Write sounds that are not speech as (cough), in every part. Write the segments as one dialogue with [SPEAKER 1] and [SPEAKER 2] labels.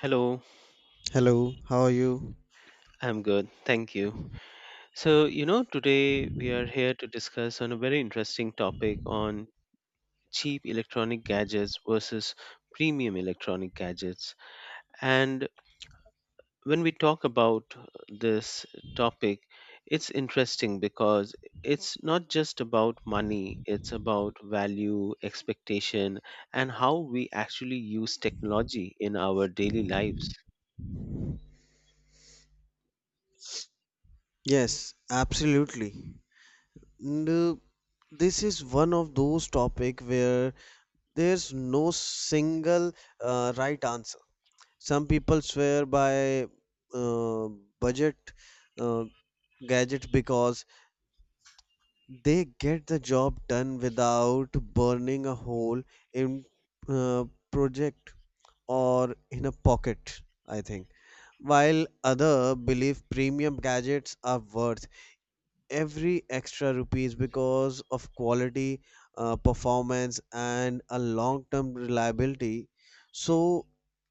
[SPEAKER 1] Hello,
[SPEAKER 2] Hello, how are you?
[SPEAKER 1] I'm good. Thank you. So, you know, today we are here to discuss on a very interesting topic on cheap electronic gadgets versus premium electronic gadgets. And when we talk about this topic, it's interesting because it's not just about money, it's about value, expectation, and how we actually use technology in our daily lives.
[SPEAKER 2] Yes, absolutely. And, uh, this is one of those topic where there's no single right answer. Some people swear by uh, budget uh, gadgets because they get the job done without burning a hole in uh, project or in a pocket, I think, while other believe premium gadgets are worth every extra rupees because of quality, performance, and a long term reliability. So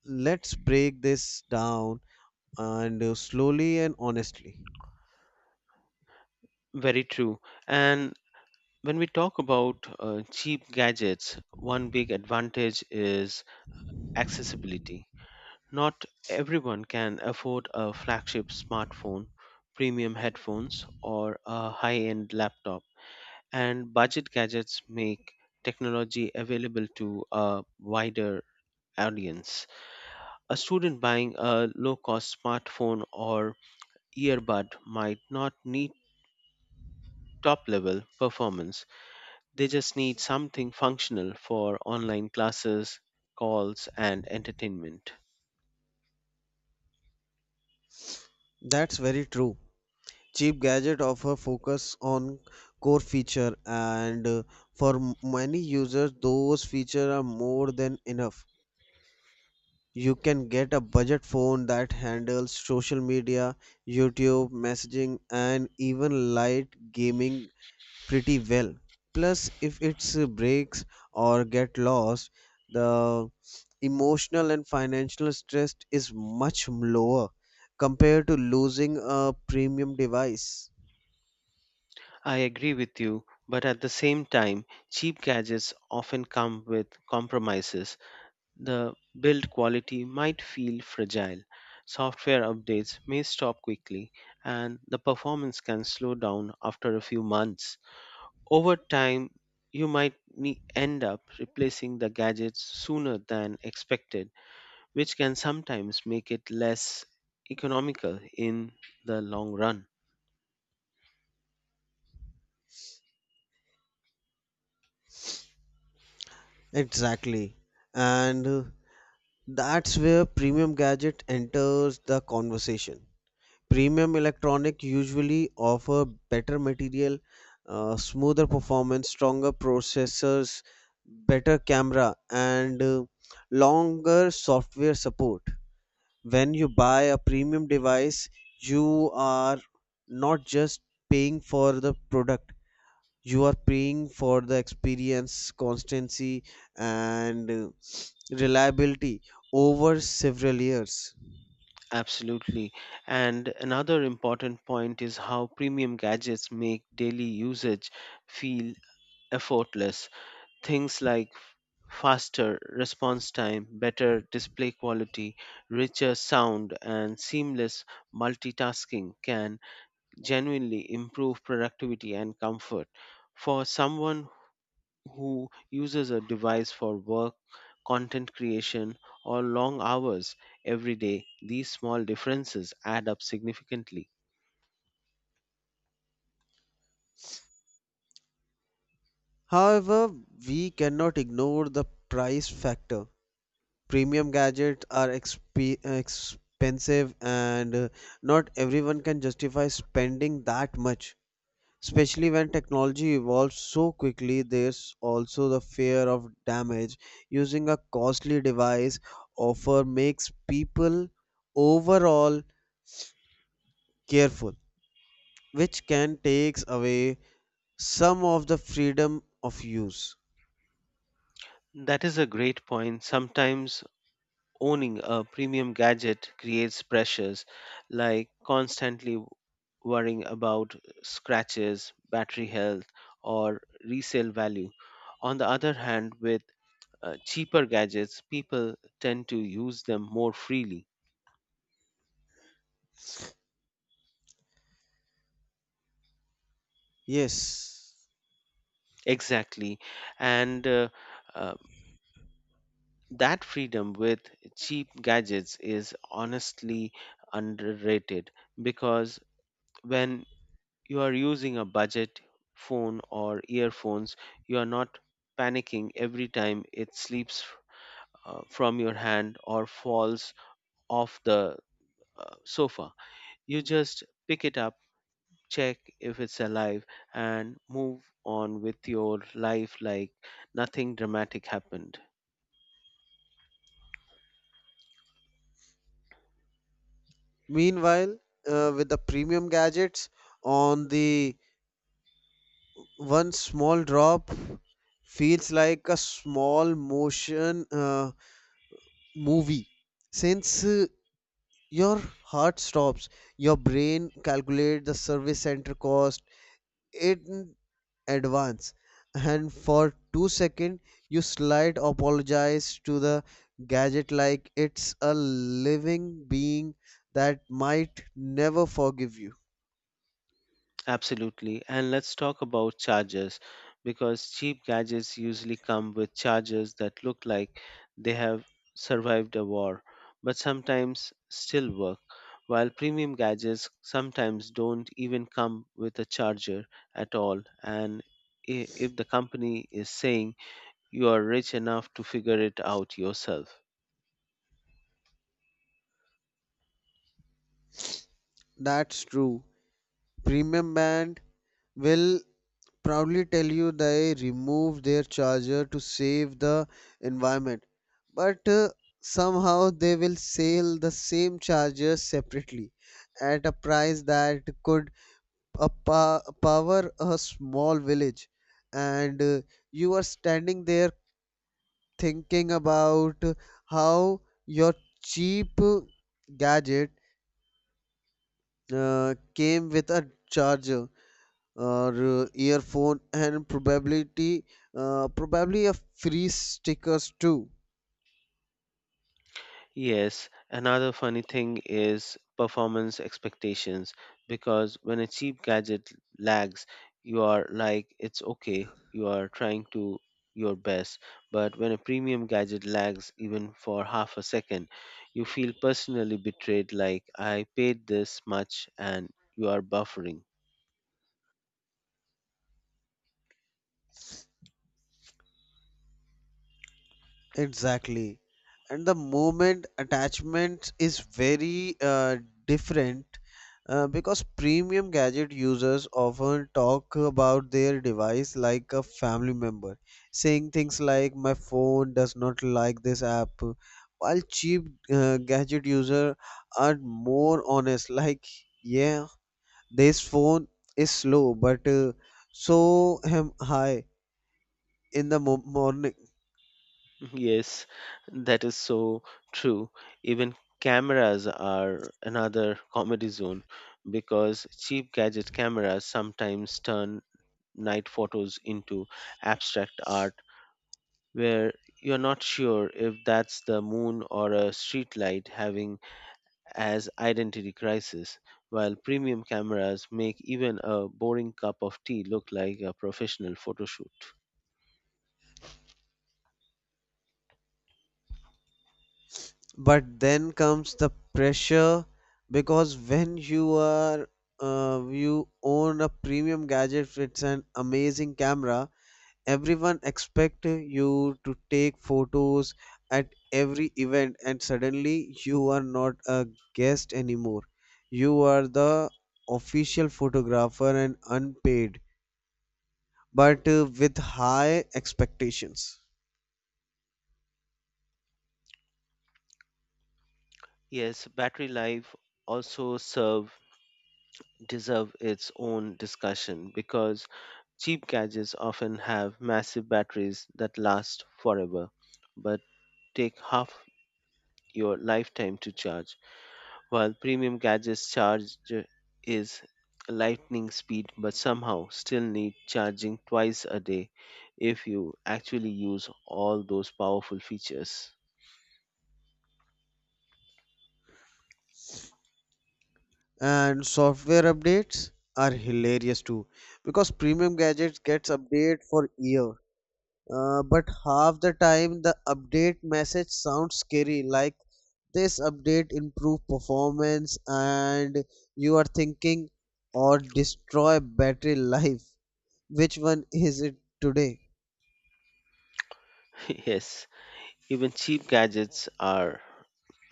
[SPEAKER 2] let's break this down and slowly and honestly.
[SPEAKER 1] Very true. And when we talk about cheap gadgets, one big advantage is accessibility. Not everyone can afford a flagship smartphone, premium headphones, or a high end laptop, and budget gadgets make technology available to a wider audience. A student buying a low cost smartphone or earbud might not need top level performance. They just need something functional for online classes, calls, and entertainment.
[SPEAKER 2] That's very true. Cheap gadget offer focus on core feature and many users those feature are more than enough. You can get a budget phone that handles social media, YouTube, messaging, and even light gaming pretty well. Plus, if it breaks or get lost, the emotional and financial stress is much lower compared to losing a premium device.
[SPEAKER 1] I agree with you, but at the same time, cheap gadgets often come with compromises. The build quality might feel fragile, software updates may stop quickly, and the performance can slow down after a few months. Over time, you might end up replacing the gadgets sooner than expected, which can sometimes make it less economical in the long run.
[SPEAKER 2] Exactly. And that's where premium gadget enters the conversation. Premium electronic usually offer better material, smoother performance, stronger processors, better camera, and longer software support. When you buy a premium device, you are not just paying for the product, you are paying for the experience, constancy, and reliability over several years.
[SPEAKER 1] Absolutely. And another important point is how premium gadgets make daily usage feel effortless. Things like faster response time, better display quality, richer sound, and seamless multitasking can genuinely improve productivity and comfort. For someone who uses a device for work, content creation, or long hours every day, these small differences add up significantly.
[SPEAKER 2] However, we cannot ignore the price factor. Premium gadgets are exp- expensive, and not everyone can justify spending that much. Especially when technology evolves so quickly, there's also the fear of damage. Using a costly device offer makes people overall careful, which can take away some of the freedom of use.
[SPEAKER 1] That is a great point. Sometimes owning a premium gadget creates pressures like constantly worrying about scratches, battery health, or resale value. On the other hand, with cheaper gadgets, people tend to use them more freely.
[SPEAKER 2] Yes.
[SPEAKER 1] Exactly. And uh, that freedom with cheap gadgets is honestly underrated because when you are using a budget phone or earphones, you are not panicking every time it slips from your hand or falls off the sofa. You just pick it up, check if it's alive, and move on with your life like nothing dramatic happened.
[SPEAKER 2] Meanwhile, with the premium gadgets on the one small drop feels like a small motion movie, since your heart stops, your brain calculates the service center cost in advance, and for 2 seconds, you slight apologize to the gadget like it's a living being that might never forgive you.
[SPEAKER 1] Absolutely. And let's talk about chargers because cheap gadgets usually come with chargers that look like they have survived a war, but sometimes still work. While premium gadgets sometimes don't even come with a charger at all. And if the company is saying you are rich enough to figure it out yourself,
[SPEAKER 2] That's true. Premium band will proudly tell you they removed their charger to save the environment, but somehow they will sell the same charger separately at a price that could power a small village. And you are standing there thinking about how your cheap gadget came with a charger or earphone and probability probably a free stickers too.
[SPEAKER 1] yes, another funny thing is performance expectations because when a cheap gadget lags, you are like, it's okay, you are trying to your best. But when a premium gadget lags even for half a second, you feel personally betrayed, like, I paid this much and you are buffering.
[SPEAKER 2] Exactly. And the moment attachment is very different, because premium gadget users often talk about their device like a family member, saying things like, my phone does not like this app, while cheap gadget users are more honest like, yeah, this phone is slow, but so am I in the morning.
[SPEAKER 1] Yes, that is so true. Even cameras are another comedy zone because cheap gadget cameras sometimes turn night photos into abstract art, where you're not sure if that's the moon or a street light having as identity crisis, while premium cameras make even a boring cup of tea look like a professional photo shoot.
[SPEAKER 2] But then comes the pressure because when you are you own a premium gadget, it's an amazing camera. Everyone expect you to take photos at every event, and suddenly you are not a guest anymore. You are the official photographer and unpaid, but with high expectations.
[SPEAKER 1] Yes, battery life also serve deserve its own discussion because cheap gadgets often have massive batteries that last forever but take half your lifetime to charge, while premium gadgets charge is lightning speed but somehow still need charging twice a day if you actually use all those powerful features.
[SPEAKER 2] And software updates are hilarious too because premium gadgets gets update for year. But half the time the update message sounds scary like, this update improve performance, and you are thinking, or destroy battery life, which one is it today?
[SPEAKER 1] (laughs) Yes, even cheap gadgets are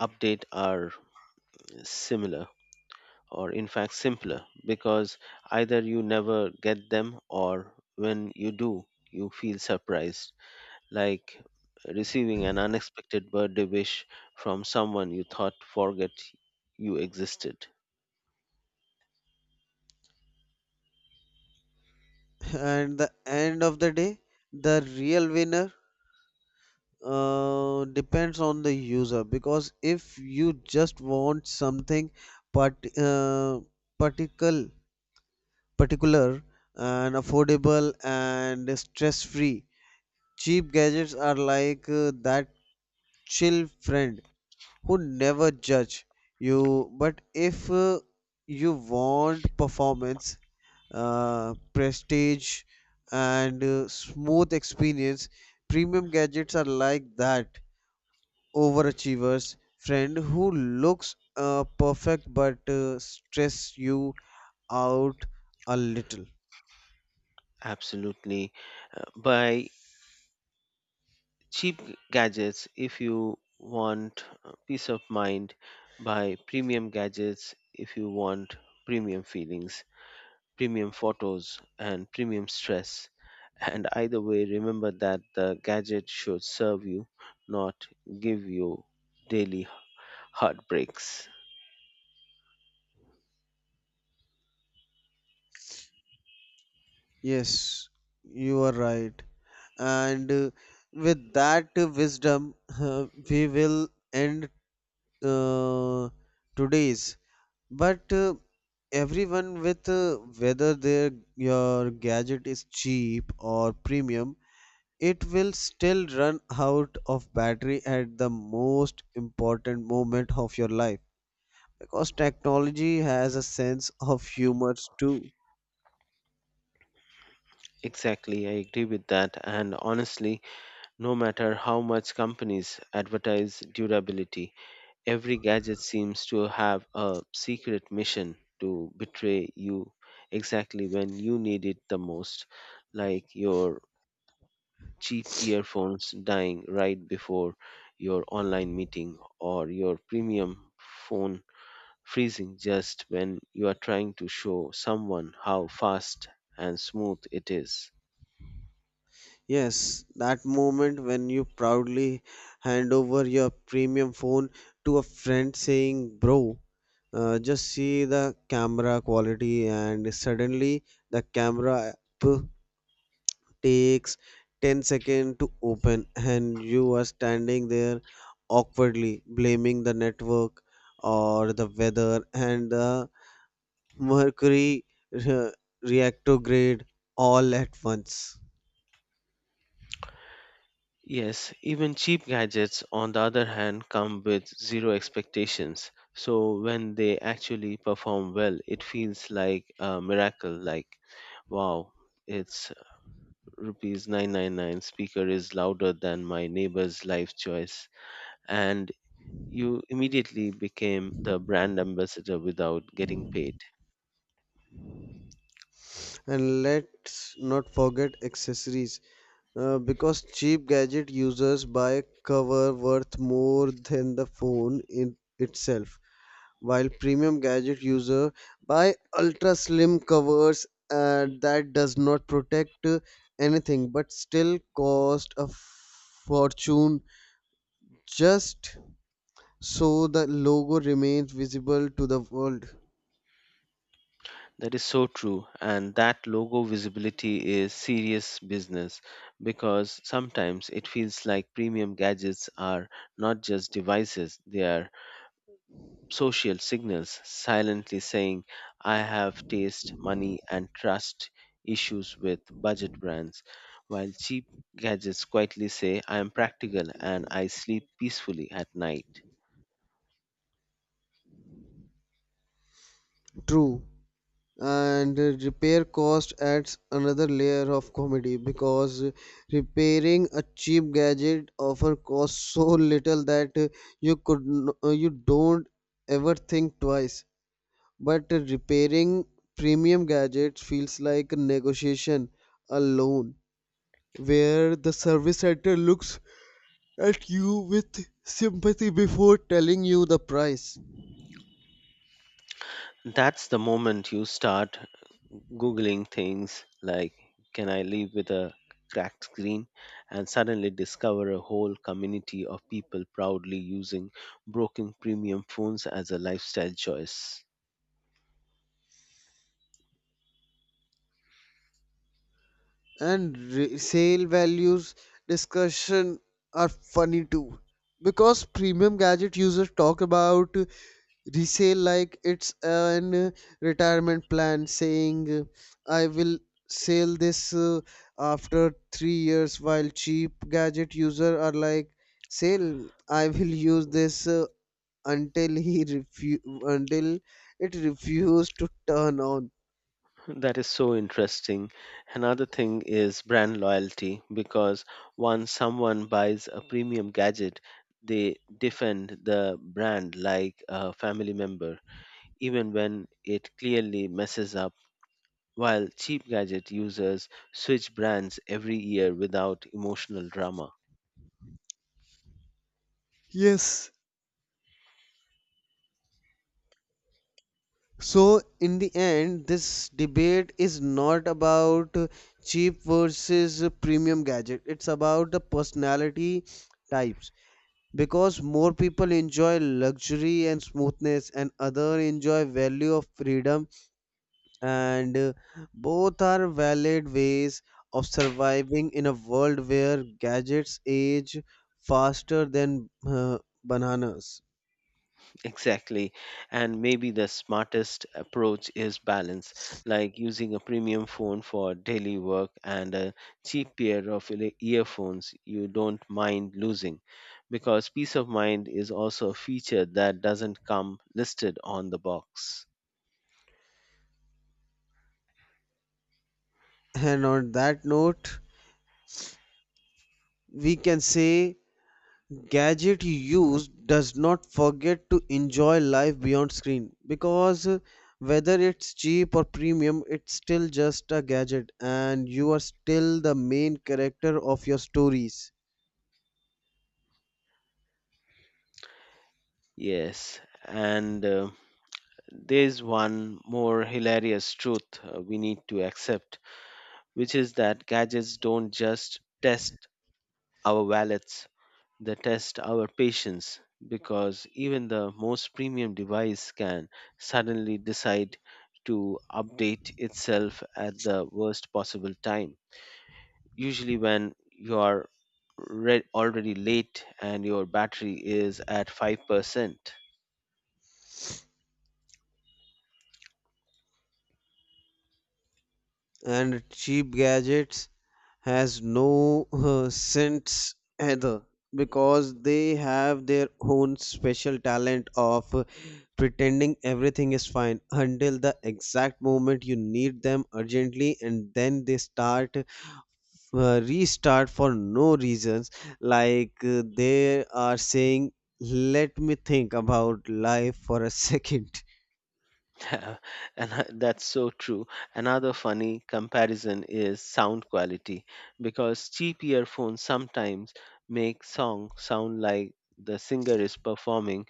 [SPEAKER 1] update are similar, or in fact simpler, because either you never get them or when you do you feel surprised, like receiving an unexpected birthday wish from someone you thought forget you existed.
[SPEAKER 2] (laughs) And the end of the day, the real winner depends on the user, because if you just want something part uh, particle particular and affordable and stress free, cheap gadgets are like that chill friend who never judge you, but if you want performance, prestige, and smooth experience, premium gadgets are like that overachievers friend who looks perfect but stress you out a little.
[SPEAKER 1] Absolutely. Buy cheap gadgets if you want peace of mind. Buy premium gadgets if you want premium feelings, premium photos, and premium stress. And either way, remember that the gadget should serve you, not give you daily heartbreaks.
[SPEAKER 2] Yes, you are right, and with that wisdom we will end uh, today's, but everyone with whether their your gadget is cheap or premium, it will still run out of battery at the most important moment of your life because technology has a sense of humor too.
[SPEAKER 1] Exactly, I agree with that. And honestly, no matter how much companies advertise durability, every gadget seems to have a secret mission to betray you exactly when you need it the most, like your cheap earphones dying right before your online meeting, or your premium phone freezing just when you are trying to show someone how fast and smooth it is.
[SPEAKER 2] Yes, that moment when you proudly hand over your premium phone to a friend saying, Bro, just see the camera quality, and suddenly the camera app takes 10 seconds to open and you are standing there awkwardly blaming the network or the weather and the mercury re- reactograde all at once.
[SPEAKER 1] Yes, even cheap gadgets, on the other hand, come with zero expectations. So when they actually perform well, it feels like a miracle. Like, wow, it's rupees 999. Speaker is louder than my neighbor's life choice. And you immediately became the brand ambassador without getting paid.
[SPEAKER 2] And let's not forget accessories, because cheap gadget users buy a cover worth more than the phone in itself, while premium gadget user buy ultra slim covers that does not protect anything but still cost a fortune just so the logo remains visible to the world.
[SPEAKER 1] That is so true. And that logo visibility is serious business because sometimes it feels like premium gadgets are not just devices, they are social signals silently saying, I have taste, money, and trust issues with budget brands, while cheap gadgets quietly say, I am practical and I sleep peacefully at night.
[SPEAKER 2] True. And repair cost adds another layer of comedy because repairing a cheap gadget often costs so little that you don't ever think twice. But repairing premium gadgets feels like a negotiation, a loan, where the service center looks at you with sympathy before telling you the price.
[SPEAKER 1] That's the moment you start Googling things like, can I live with a cracked screen, and suddenly discover a whole community of people proudly using broken premium phones as a lifestyle choice.
[SPEAKER 2] And re- sale values discussion are funny too because premium gadget users talk about resale like it's an retirement plan, saying, I will sell this after 3 years, while cheap gadget user are like, sale, I will use this until it refused to turn on.
[SPEAKER 1] That is so interesting. Another thing is brand loyalty because once someone buys a premium gadget, they defend the brand like a family member, even when it clearly messes up, while cheap gadget users switch brands every year without emotional drama. (laughs)
[SPEAKER 2] Yes. So, in the end, this debate is not about cheap versus premium gadget. It's about the personality types because more people enjoy luxury and smoothness and other enjoy value of freedom, and both are valid ways of surviving in a world where gadgets age faster than bananas.
[SPEAKER 1] Exactly. And maybe the smartest approach is balance, like using a premium phone for daily work and a cheap pair of earphones you don't mind losing, because peace of mind is also a feature that doesn't come listed on the box.
[SPEAKER 2] And on that note, we can say, gadget you use does not forget to enjoy life beyond screen because whether it's cheap or premium, it's still just a gadget and you are still the main character of your stories.
[SPEAKER 1] Yes, and there's one more hilarious truth we need to accept, which is that gadgets don't just test our wallets, they test our patience because even the most premium device can suddenly decide to update itself at the worst possible time, usually when you are already late and your battery is at 5%.
[SPEAKER 2] And cheap gadgets has no sense either because they have their own special talent of pretending everything is fine until the exact moment you need them urgently, and then they start restart for no reasons, like they are saying, let me think about life for a (laughs) second.
[SPEAKER 1] (laughs) And that's so true. Another funny comparison is sound quality because cheap earphones sometimes make song sound like the singer is performing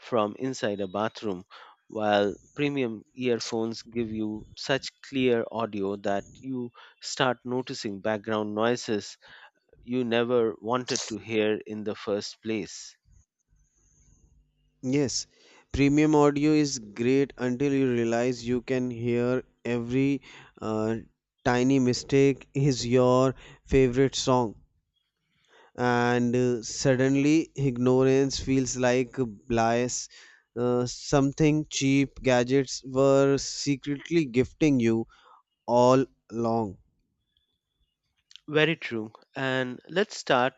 [SPEAKER 1] from inside a bathroom, while premium earphones give you such clear audio that you start noticing background noises you never wanted to hear in the first place.
[SPEAKER 2] Yes, premium audio is great until you realize you can hear every uh, tiny mistake is your favorite song, and suddenly ignorance feels like bliss, something cheap gadgets were secretly gifting you all along.
[SPEAKER 1] Very true. And let's start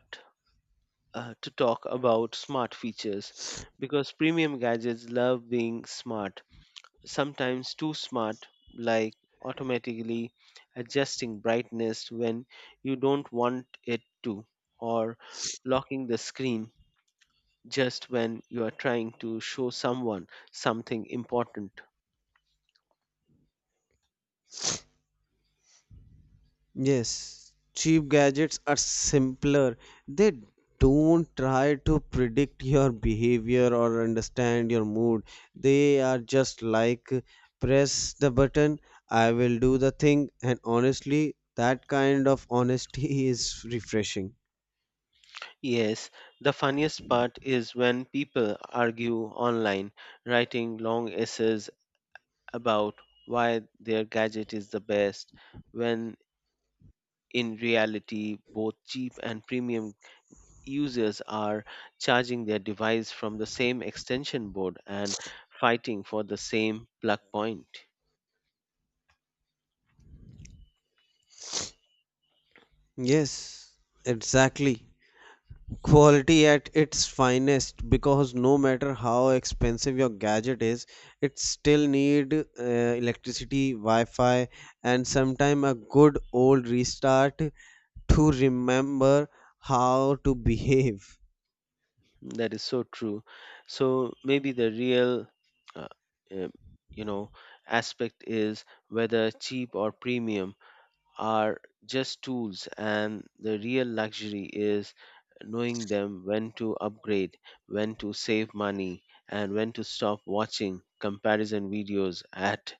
[SPEAKER 1] to talk about smart features because premium gadgets love being smart, sometimes too smart, like automatically adjusting brightness when you don't want it to, or locking the screen just when you are trying to show someone something important.
[SPEAKER 2] Yes, cheap gadgets are simpler. They don't try to predict your behavior or understand your mood. They are just like, press the button, I will do the thing, and honestly, that kind of honesty (laughs) is refreshing.
[SPEAKER 1] Yes, the funniest part is when people argue online, writing long essays about why their gadget is the best, when in reality, both cheap and premium users are charging their device from the same extension board and fighting for the same plug point.
[SPEAKER 2] Yes, exactly. Quality at its finest because no matter how expensive your gadget is, it still need electricity, Wi-Fi, and sometime a good old restart to remember how to behave.
[SPEAKER 1] That is so true. So maybe the real, uh, uh, you know, aspect is whether cheap or premium are just tools, and the real luxury is knowing them when to upgrade, when to save money, and when to stop watching comparison videos at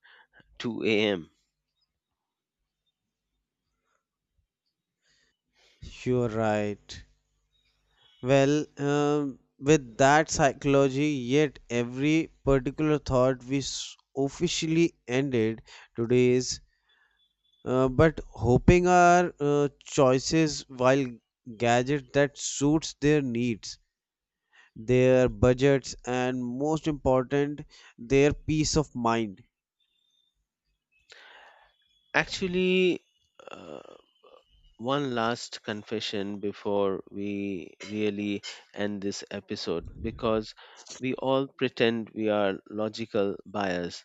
[SPEAKER 1] 2 a.m.
[SPEAKER 2] You're right. With that psychology, yet every particular thought, officially ended today's. But hoping are choices while gadget that suits their needs, their budgets, and most important, their peace of mind.
[SPEAKER 1] Actually, uh, one last confession before we really end this episode, because we all pretend we are logical bias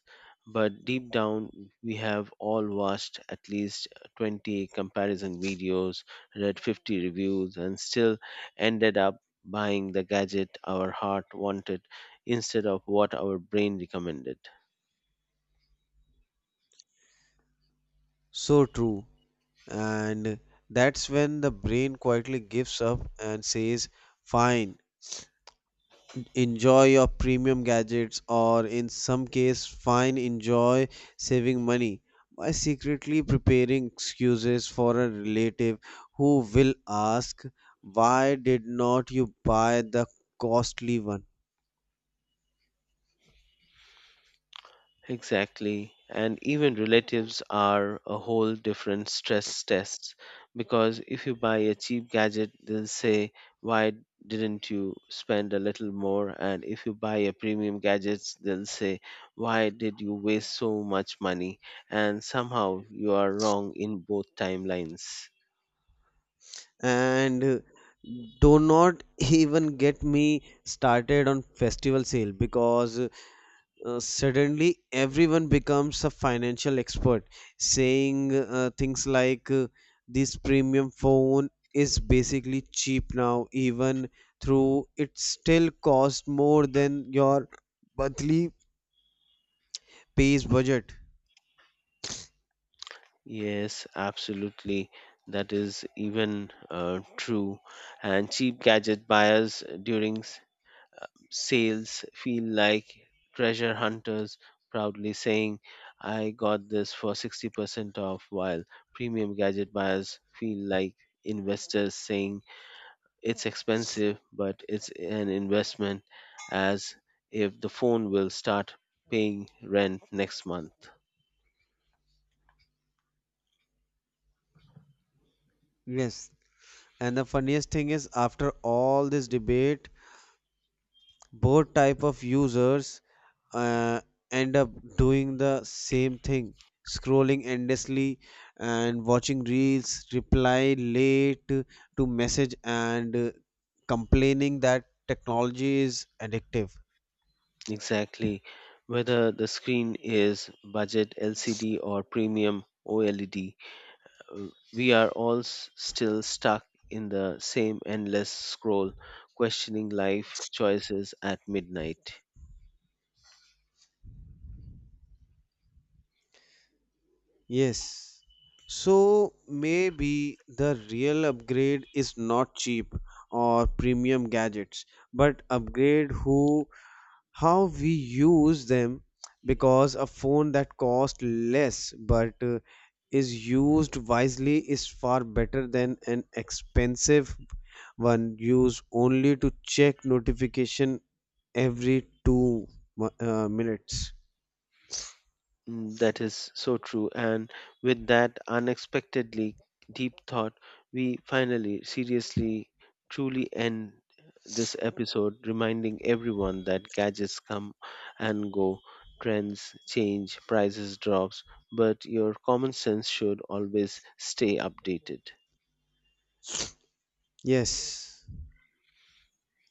[SPEAKER 1] but deep down we have all watched at least 20 comparison videos, read 50 reviews, and still ended up buying the gadget our heart wanted instead of what our brain recommended.
[SPEAKER 2] So true. And that's when the brain quietly gives up and says, fine. Enjoy your premium gadgets, or in some case, fine, enjoy saving money by secretly preparing excuses for a relative who will ask, why did not you buy the costly one?
[SPEAKER 1] Exactly. And even relatives are a whole different stress test because if you buy a cheap gadget, they'll say, why didn't you spend a little more? And if you buy a premium gadget, they'll say, why did you waste so much money? And somehow you are wrong in both timelines.
[SPEAKER 2] And do not even get me started on festival sale because suddenly everyone becomes a financial expert, saying things like, this premium phone is basically cheap now, even through it still costs more than your monthly pays budget.
[SPEAKER 1] Yes, absolutely. That is even true. And cheap gadget buyers during sales feel like treasure hunters proudly saying, I got this for 60% off, while premium gadget buyers feel like investors saying, it's expensive, but it's an investment, as if the phone will start paying rent next month.
[SPEAKER 2] Yes, and the funniest thing is after all this debate, both type of users uh, end up doing the same thing, scrolling endlessly and watching reels, reply late to message, and complaining that technology is addictive.
[SPEAKER 1] Exactly. Whether the screen is budget LCD or premium OLED, uh, we are all still stuck in the same endless scroll, questioning life choices at midnight.
[SPEAKER 2] Yes, so maybe the real upgrade is not cheap or premium gadgets, but upgrade who how we use them, because a phone that costs less but is used wisely is far better than an expensive one used only to check notification every 2 minutes.
[SPEAKER 1] Mm, that is so true. And with that unexpectedly deep thought, we finally, seriously, truly end this episode, reminding everyone that gadgets come and go, trends change, prices drops, but your common sense should always stay updated.
[SPEAKER 2] Yes,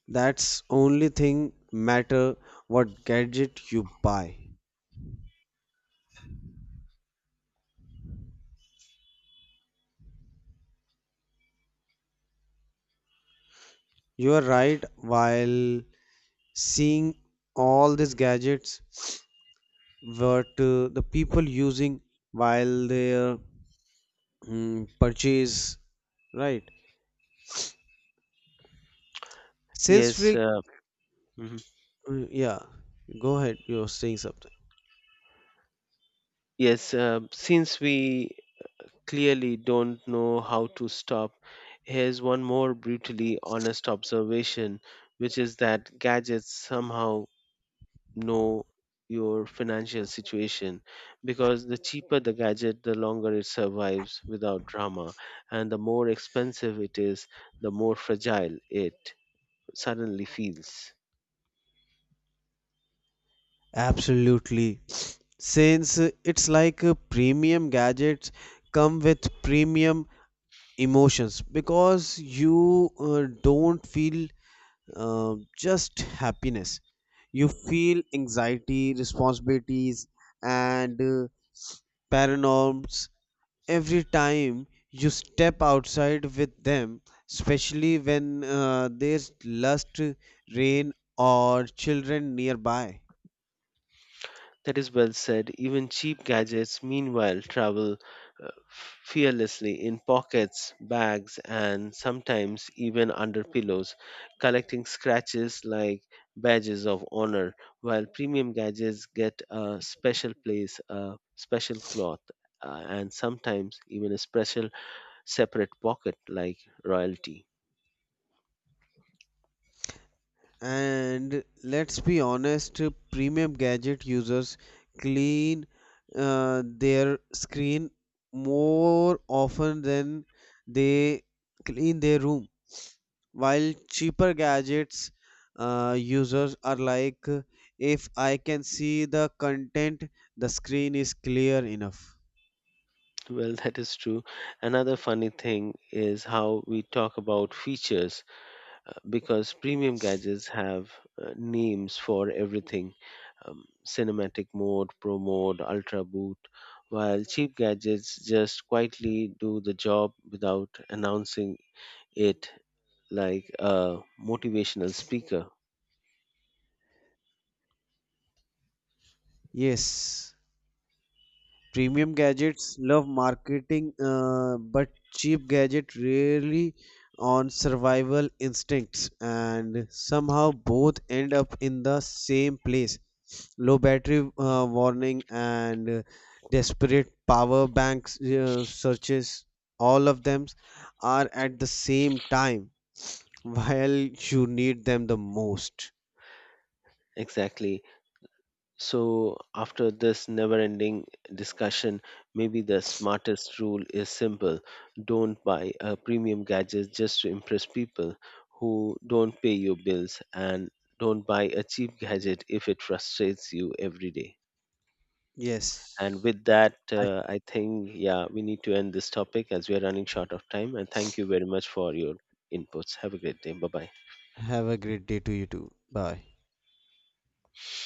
[SPEAKER 2] that's only thing matter, what gadget you buy. You are right, while seeing all these gadgets, what the people using, while their mm, purchase, right, sales
[SPEAKER 1] Yes.
[SPEAKER 2] freak.
[SPEAKER 1] Mhm.
[SPEAKER 2] Mm, yeah, go ahead, you're saying something.
[SPEAKER 1] Yes, since we clearly don't know how to stop, here's one more brutally honest observation, which is that gadgets somehow know your financial situation because the cheaper the gadget, the longer it survives without drama, and the more expensive it is, the more fragile it suddenly feels.
[SPEAKER 2] Absolutely, since it's like premium gadgets come with premium emotions because you don't feel just happiness, you feel anxiety, responsibilities, and paranorms every time you step outside with them, especially when there's lust, rain, or children nearby.
[SPEAKER 1] That is well said. Even cheap gadgets, meanwhile, travel fearlessly in pockets, bags, and sometimes even under pillows, collecting scratches like badges of honor, while premium gadgets get a special place, a special cloth, and sometimes even a special separate pocket like royalty.
[SPEAKER 2] And let's be honest, premium gadget users clean their screen more often than they clean their room. While cheaper gadgets users are like, if I can see the content, the screen is clear enough.
[SPEAKER 1] Well, (laughs) that is true. Another funny thing is how we talk about features because premium gadgets have names for everything, cinematic mode, pro mode, ultra boot, while cheap gadgets just quietly do the job without announcing it like a motivational speaker.
[SPEAKER 2] Yes. Premium gadgets love marketing, but cheap gadget rarely on survival instincts, and somehow both end up in the same place. Low battery warning and desperate power banks searches, all of them are at the same time (laughs) while you need them the most.
[SPEAKER 1] Exactly. So, after this never ending discussion, maybe the smartest rule is simple. Don't buy a premium gadget just to impress people who don't pay your bills, and don't buy a cheap gadget if it frustrates you every day. And
[SPEAKER 2] Yes,
[SPEAKER 1] with that,
[SPEAKER 2] I
[SPEAKER 1] I think, yeah, we need to end this topic as we are running short of time. And thank you very much for your inputs. Have a great day. Bye bye.
[SPEAKER 2] have a great day to you too. Bye.